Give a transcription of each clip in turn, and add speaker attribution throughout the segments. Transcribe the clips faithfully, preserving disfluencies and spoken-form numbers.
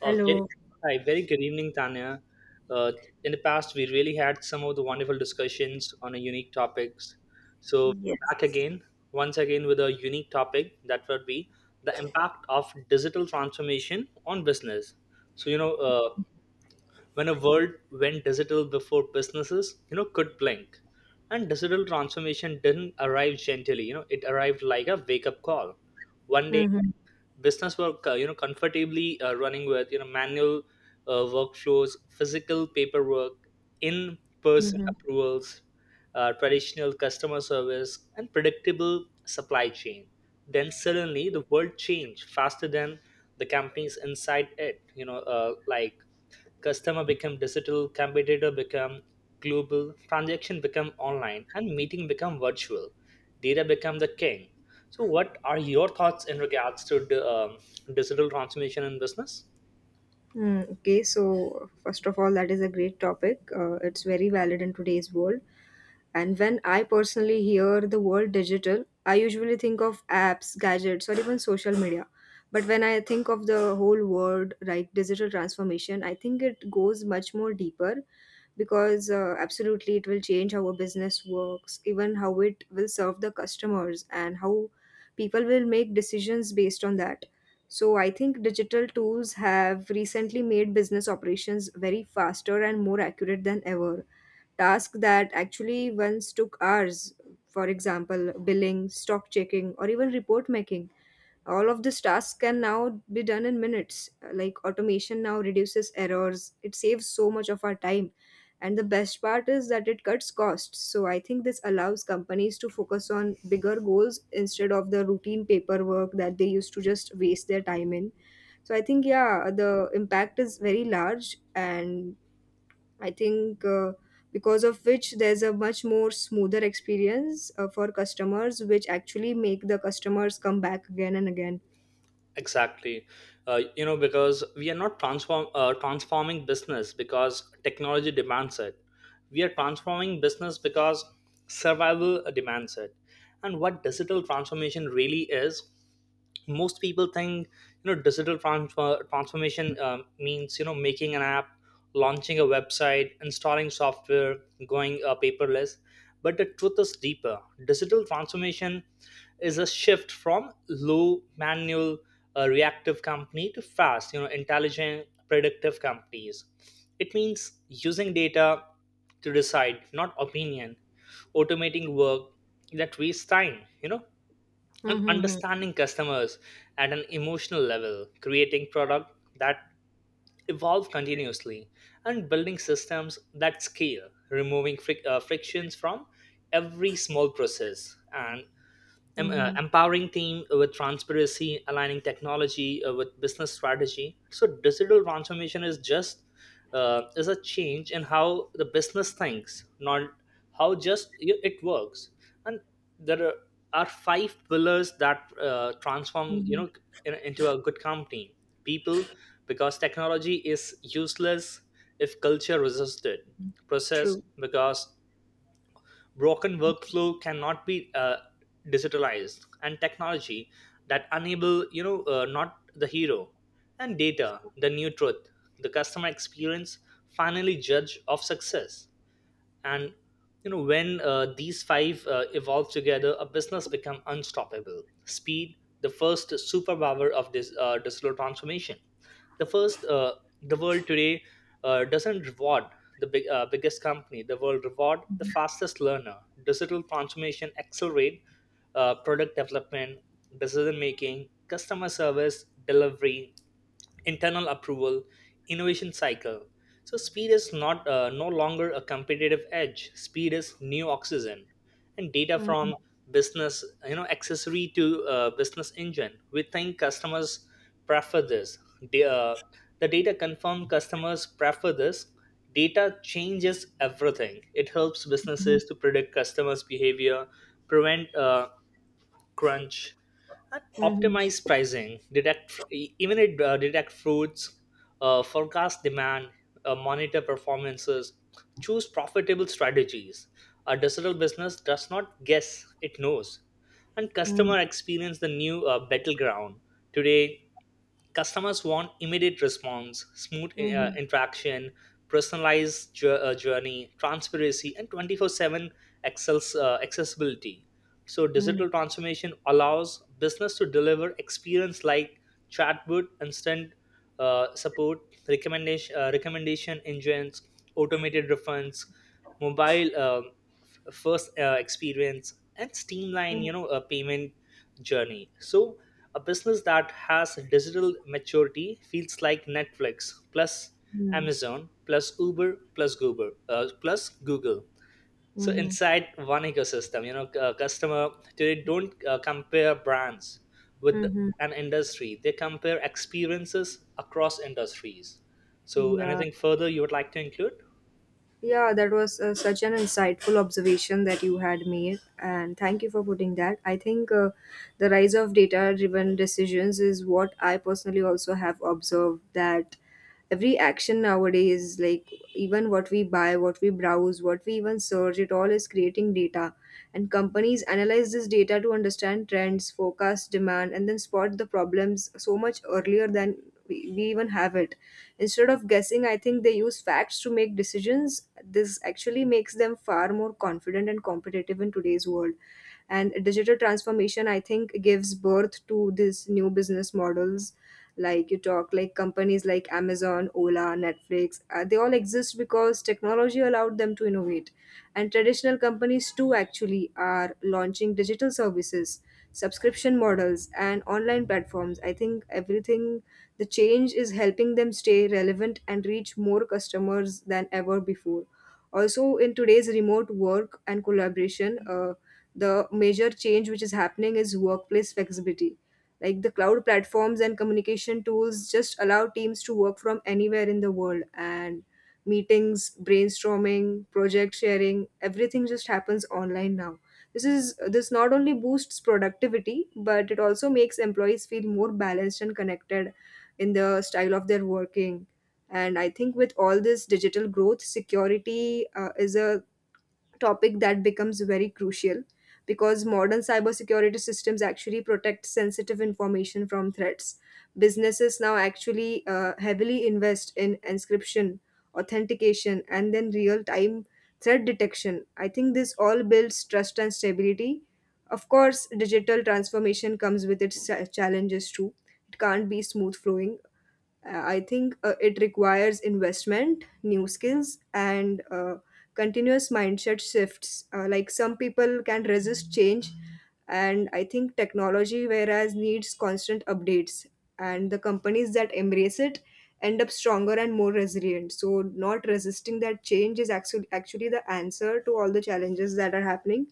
Speaker 1: Uh, very,
Speaker 2: Hello.
Speaker 1: Hi, very good evening, Tanya. Uh, in the past, we really had some of the wonderful discussions on a unique topics. So we're back
Speaker 2: Yes.
Speaker 1: again, once again, with a unique topic that would be the impact of digital transformation on business. So you know, uh, when a world went digital before businesses, you know, could blink, and digital transformation didn't arrive gently. You know, it arrived like a wake-up call. One day
Speaker 2: Mm-hmm.
Speaker 1: business work uh, you know comfortably uh, running with you know manual uh, workflows, physical paperwork, in person
Speaker 2: Mm-hmm.
Speaker 1: approvals, uh, traditional customer service, and predictable supply chain. Then suddenly the world changed faster than the companies inside it you know uh, like customer become digital, competitor become global, transaction become online, and meeting become virtual, data become the king. So what are your thoughts in regards to the, um, digital transformation in business?
Speaker 2: Mm, okay. So, first of all, that is a great topic. Uh, it's very valid in today's world. And when I personally hear the word digital, I usually think of apps, gadgets, or even social media. But when I think of the whole word, right, digital transformation, I think it goes much more deeper because uh, absolutely it will change how a business works, even how it will serve the customers and how people will make decisions based on that. So I think digital tools have recently made business operations very faster and more accurate than ever. Tasks that actually once took hours, for example, billing, stock checking, or even report making, all of this task can now be done in minutes. Like automation now reduces errors, it saves so much of our time, and the best part is that it cuts costs. So I think this allows companies to focus on bigger goals instead of the routine paperwork that they used to just waste their time in. So I think, yeah, the impact is very large. And I think uh, because of which there's a much more smoother experience uh, for customers, which actually make the customers come back again and again.
Speaker 1: Exactly. Uh, you know because we are not transform uh, transforming business because technology demands it, we are transforming business because survival demands it. And what digital transformation really is, most people think you know digital transfer, transformation um, means you know making an app, launching a website, installing software, going uh, paperless. But the truth is deeper. Digital transformation is a shift from low manual uh, reactive company to fast, you know intelligent, predictive companies. It means using data to decide, not opinion, automating work that wastes time, you know and
Speaker 2: Mhm,
Speaker 1: understanding customers at an emotional level, creating product that evolve continuously, and building systems that scale, removing fric- uh, frictions from every small process, and em- uh,
Speaker 2: mhm,
Speaker 1: empowering team uh, with transparency, aligning technology uh, with business strategy. So digital transformation is just uh, is a change in how the business thinks, not how just y- it works. And there are are five pillars that uh, transform you
Speaker 2: mhm.
Speaker 1: know in- into a good company. People, because technology is useless if culture resists it. Process,
Speaker 2: True.
Speaker 1: because broken workflow cannot be uh, digitalized. And technology, that enable you know uh, not the hero. And data, the new truth. The customer experience, finally judge of success. And you know when uh, these five uh, evolve together, a business become unstoppable. Speed, the first superpower of this uh, digital transformation. the first uh, the world today uh, doesn't reward the big, uh, biggest company. The world reward the fastest learner. Digital transformation accelerate uh, product development, decision making, customer service delivery, internal approval, innovation cycle. So speed is not uh, no longer a competitive edge. Speed is new oxygen, and data
Speaker 2: Mhm,
Speaker 1: from business, you know, accessory to uh, business engine. We think customers prefer this. The, uh, the data confirm customers prefer this. Data changes everything. It helps
Speaker 2: mhm,
Speaker 1: businesses to predict customers' behavior, prevent uh, crunch, and
Speaker 2: mhm,
Speaker 1: optimize pricing, detect even it uh, detect fruits, uh, forecast demand, uh, monitor performances, choose profitable strategies. A digital business does not guess; it knows. And
Speaker 2: mhm,
Speaker 1: customer experience, the new uh, battleground today. Customers want immediate response, smooth uh,
Speaker 2: mhm,
Speaker 1: interaction, personalized jour- uh, journey, transparency, and twenty-four seven access, uh, accessibility. So,
Speaker 2: mhm,
Speaker 1: digital transformation allows business to deliver experience like chatbot, instant uh, support, recommendation, uh, recommendation engines, automated refunds, mobile uh, f- first uh, experience, and streamline you know a payment journey. So a business that has digital maturity feels like Netflix plus
Speaker 2: mhm,
Speaker 1: Amazon plus Uber plus Google uh, plus Google. So
Speaker 2: mhm,
Speaker 1: inside one ecosystem, you know, c- uh, customer, they don't uh, compare brands with
Speaker 2: mhm.
Speaker 1: an industry; they compare experiences across industries. So
Speaker 2: Yeah,
Speaker 1: anything further you would like to include?
Speaker 2: yeah, that was uh, such an insightful observation that you had made, and thank you for putting that. I think uh, the rise of data driven decisions is what I personally also have observed, that every action nowadays, like even what we buy, what we browse, what we even search, it all is creating data, and companies analyze this data to understand trends, forecast demand, and then spot the problems so much earlier than we, we even have it. Instead of guessing, I think they use facts to make decisions. This actually makes them far more confident and competitive in today's world. And digital transformation, I think, gives birth to these new business models. Like you talk, like companies like Amazon, Ola, Netflix, uh, they all exist because technology allowed them to innovate. And traditional companies too actually are launching digital services, subscription models, and online platforms. I think everything, the change is helping them stay relevant and reach more customers than ever before. Also, in today's remote work and collaboration, uh, the major change which is happening is workplace flexibility. Like the cloud platforms and communication tools just allow teams to work from anywhere in the world, and meetings, brainstorming, project sharing, everything just happens online now. This is, this not only boosts productivity, but it also makes employees feel more balanced and connected in the style of their working. And I think with all this digital growth, security uh, is a topic that becomes very crucial, because modern cybersecurity systems actually protect sensitive information from threats. Businesses now actually uh, heavily invest in encryption, authentication, and then real time threat detection. I think this all builds trust and stability. Of course, digital transformation comes with its cha- challenges too. It can't be smooth flowing. Uh, I think uh, it requires investment, new skills, and uh, continuous mindset shifts. Uh, like some people can resist change, and I think technology, whereas needs constant updates, and the companies that embrace it end up stronger and more resilient. So, not resisting that change is actually actually the answer to all the challenges that are happening.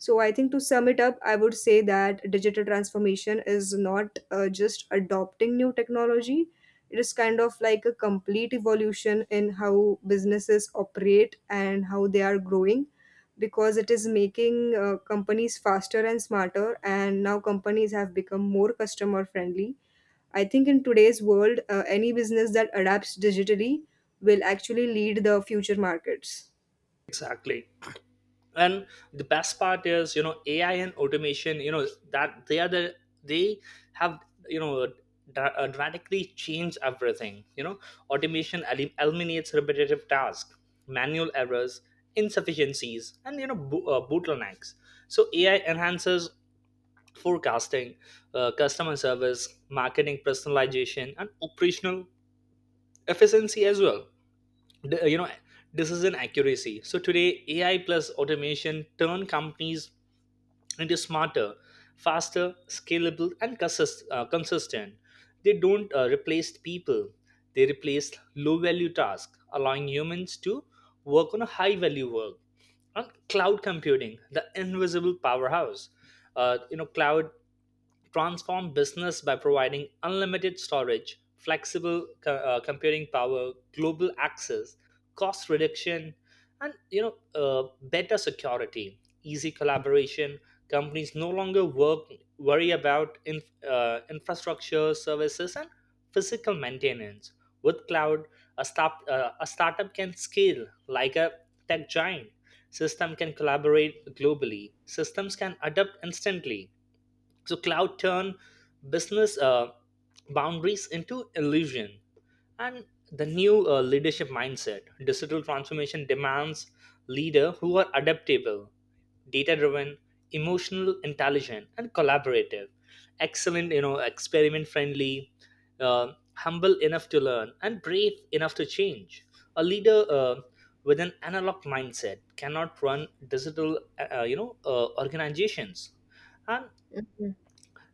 Speaker 2: So I think, to sum it up, I would say that digital transformation is not uh, just adopting new technology. It is kind of like a complete evolution in how businesses operate and how they are growing, because it is making uh, companies faster and smarter. And now companies have become more customer friendly. I think in today's world, uh, any business that adapts digitally will actually lead the future markets.
Speaker 1: Exactly. And the best part is, you know AI and automation, you know that they are the they have, you know dra- uh, dramatically changed everything. You know automation elim- eliminates repetitive tasks, manual errors, insufficiencies, and you know bo- uh, bottlenecks. So AI enhances forecasting, uh, customer service, marketing personalization, and operational efficiency as well. D- uh, you know Decision accuracy. So today AI plus automation turn companies, it is smarter, faster, scalable, and consist- uh, consistent. They don't uh, replace people, they replace low value tasks, allowing humans to work on a high value work. On cloud computing, the invisible powerhouse, uh, you know cloud transform business by providing unlimited storage, flexible co- uh, computing power, global access, cost reduction, and you know uh, better security, easy collaboration. Companies no longer work worry about in, uh, infrastructure services and physical maintenance. With cloud, a, stop, uh, a startup can scale like a tech giant, system can collaborate globally, systems can adapt instantly. So cloud turn business uh, boundaries into illusion. And the new uh, leadership mindset, digital transformation demands leader who are adaptable, data driven, emotional intelligent, and collaborative, excellent, you know experiment friendly, uh, humble enough to learn and brave enough to change. A leader uh, with an analog mindset cannot run digital uh, you know uh, organizations. And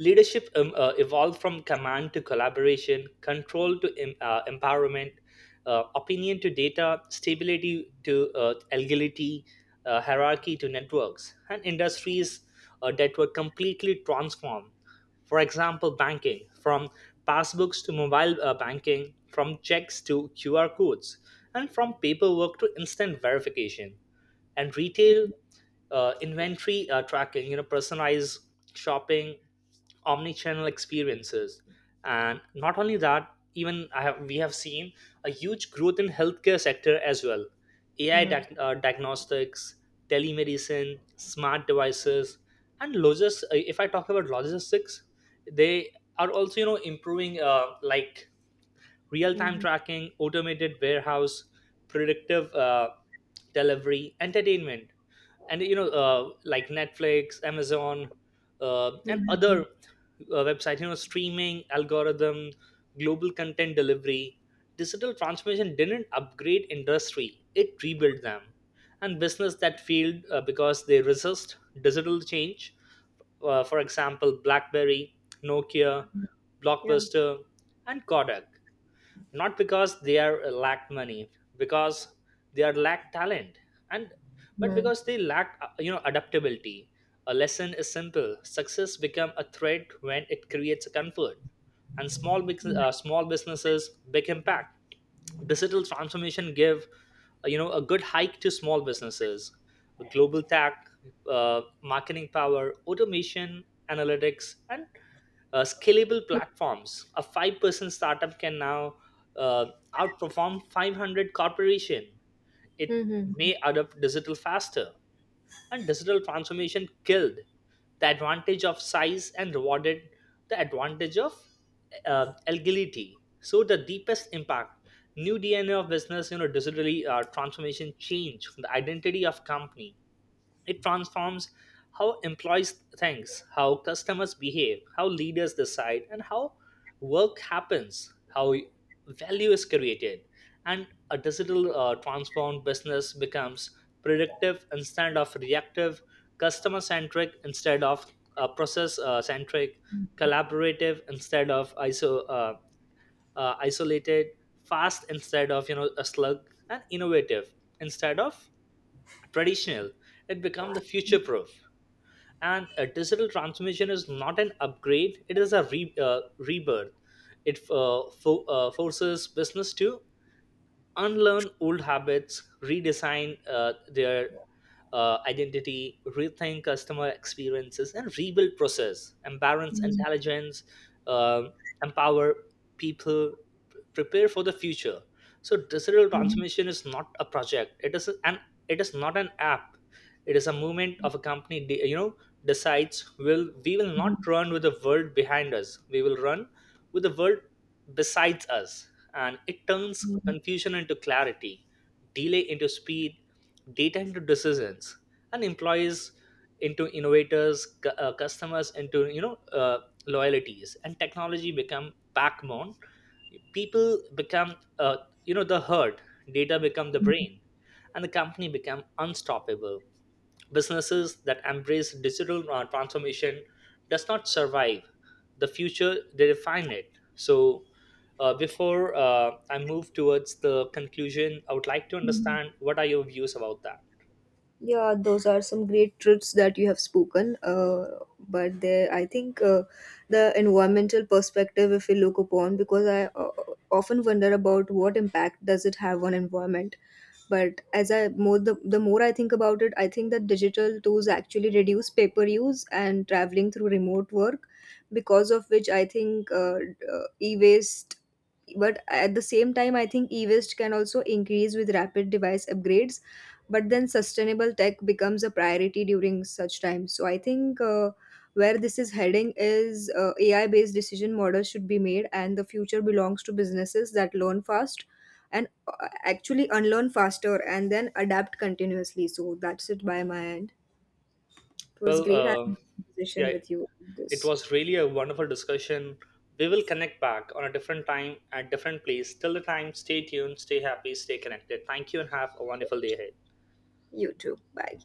Speaker 1: leadership, um, uh, evolved from command to collaboration, control to em- uh, empowerment, uh, opinion to data, stability to uh, agility, uh, hierarchy to networks. And industries uh, that were completely transformed. For example, banking, from passbooks to mobile uh, banking, from checks to Q R codes, and from paperwork to instant verification. And retail, uh, inventory uh, tracking, you know, personalized shopping, omnichannel experiences. And not only that, even I have we have seen a huge growth in healthcare sector as well. AI
Speaker 2: Yeah.
Speaker 1: diag- uh, diagnostics, telemedicine, smart devices. And logistics, if I talk about logistics, they are also, you know improving, uh, like real time
Speaker 2: Hmm.
Speaker 1: tracking, automated warehouse, predictive uh, delivery. Entertainment, and you know uh, like Netflix, Amazon, uh, and other uh, website, you know streaming algorithm, global content delivery. Digital transformation didn't upgrade industry, it rebuilt them. And business that failed uh, because they resist digital change, uh, for example, BlackBerry, Nokia,
Speaker 2: Yeah.
Speaker 1: Blockbuster, and Kodak. Not because they are uh, lack money, because they are lack talent, and but
Speaker 2: Hmm.
Speaker 1: because they lack uh, you know adaptability. A lesson is simple: success become a threat when it creates a comfort. And small business, uh, small businesses, big impact. Digital transformation give uh, you know a good hike to small businesses, global tech, uh, marketing power, automation, analytics, and uh, scalable platforms. A five person startup can now uh, outperform five hundred corporation. It
Speaker 2: Hmm.
Speaker 1: may adopt digital faster, and digital transformation killed the advantage of size and rewarded the advantage of uh, agility. So the deepest impact, new D N A of business, you know, digitally uh, transformation change the identity of company. It transforms how employees think, how customers behave, how leaders decide, and how work happens, how value is created. And a digital uh, transformed business becomes predictive instead of reactive, customer centric instead of uh, process uh, centric, collaborative instead of iso- uh, uh, isolated, fast instead of you know a slug, and innovative instead of traditional. It become the future proof. And a digital transformation is not an upgrade; it is a re- uh, rebirth. It uh, fo- uh, forces business to unlearn old habits, redesign uh, their uh, identity, rethink customer experiences, and rebuild process. Embarrass intelligence, um empower people, prepare for the future. So digital transformation is not a project, it is an it is not an app, it is a movement of a company. De- you know decides: will we, will not run with the world behind us, we will run with the world besides us. And it turns confusion into clarity, delay into speed, data into decisions, and employees into innovators, cu- uh, customers into you know uh, loyalties, and technology become backbone, people become uh, you know the herd, data become the brain, and the company become unstoppable. Businesses that embrace digital uh, transformation does not survive the future, they define it. So uh, before uh, I move towards the conclusion, I would like to
Speaker 2: Mhm.
Speaker 1: understand what are your views about that.
Speaker 2: Yeah, those are some great truths that you have spoken. Uh, but there, I think uh, the environmental perspective, if we look upon, because I uh, often wonder about what impact does it have on environment. But as I more, the, the more I think about it, I think that digital tools actually reduce paper use and traveling through remote work, because of which I think uh, uh, e-waste. But at the same time, I think e-waste can also increase with rapid device upgrades. But then sustainable tech becomes a priority during such times. So I think uh, where this is heading is, uh, A I based decision models should be made, and the future belongs to businesses that learn fast and uh, actually unlearn faster and then adapt continuously. So that's it by my end. It
Speaker 1: well
Speaker 2: was great
Speaker 1: uh,
Speaker 2: having a conversation
Speaker 1: yeah
Speaker 2: with you. On
Speaker 1: it
Speaker 2: This
Speaker 1: was really a wonderful discussion. We will connect back on a different time at different place. Till the time, stay tuned, stay happy, stay connected. Thank you and have a wonderful day ahead.
Speaker 2: you too. Bye.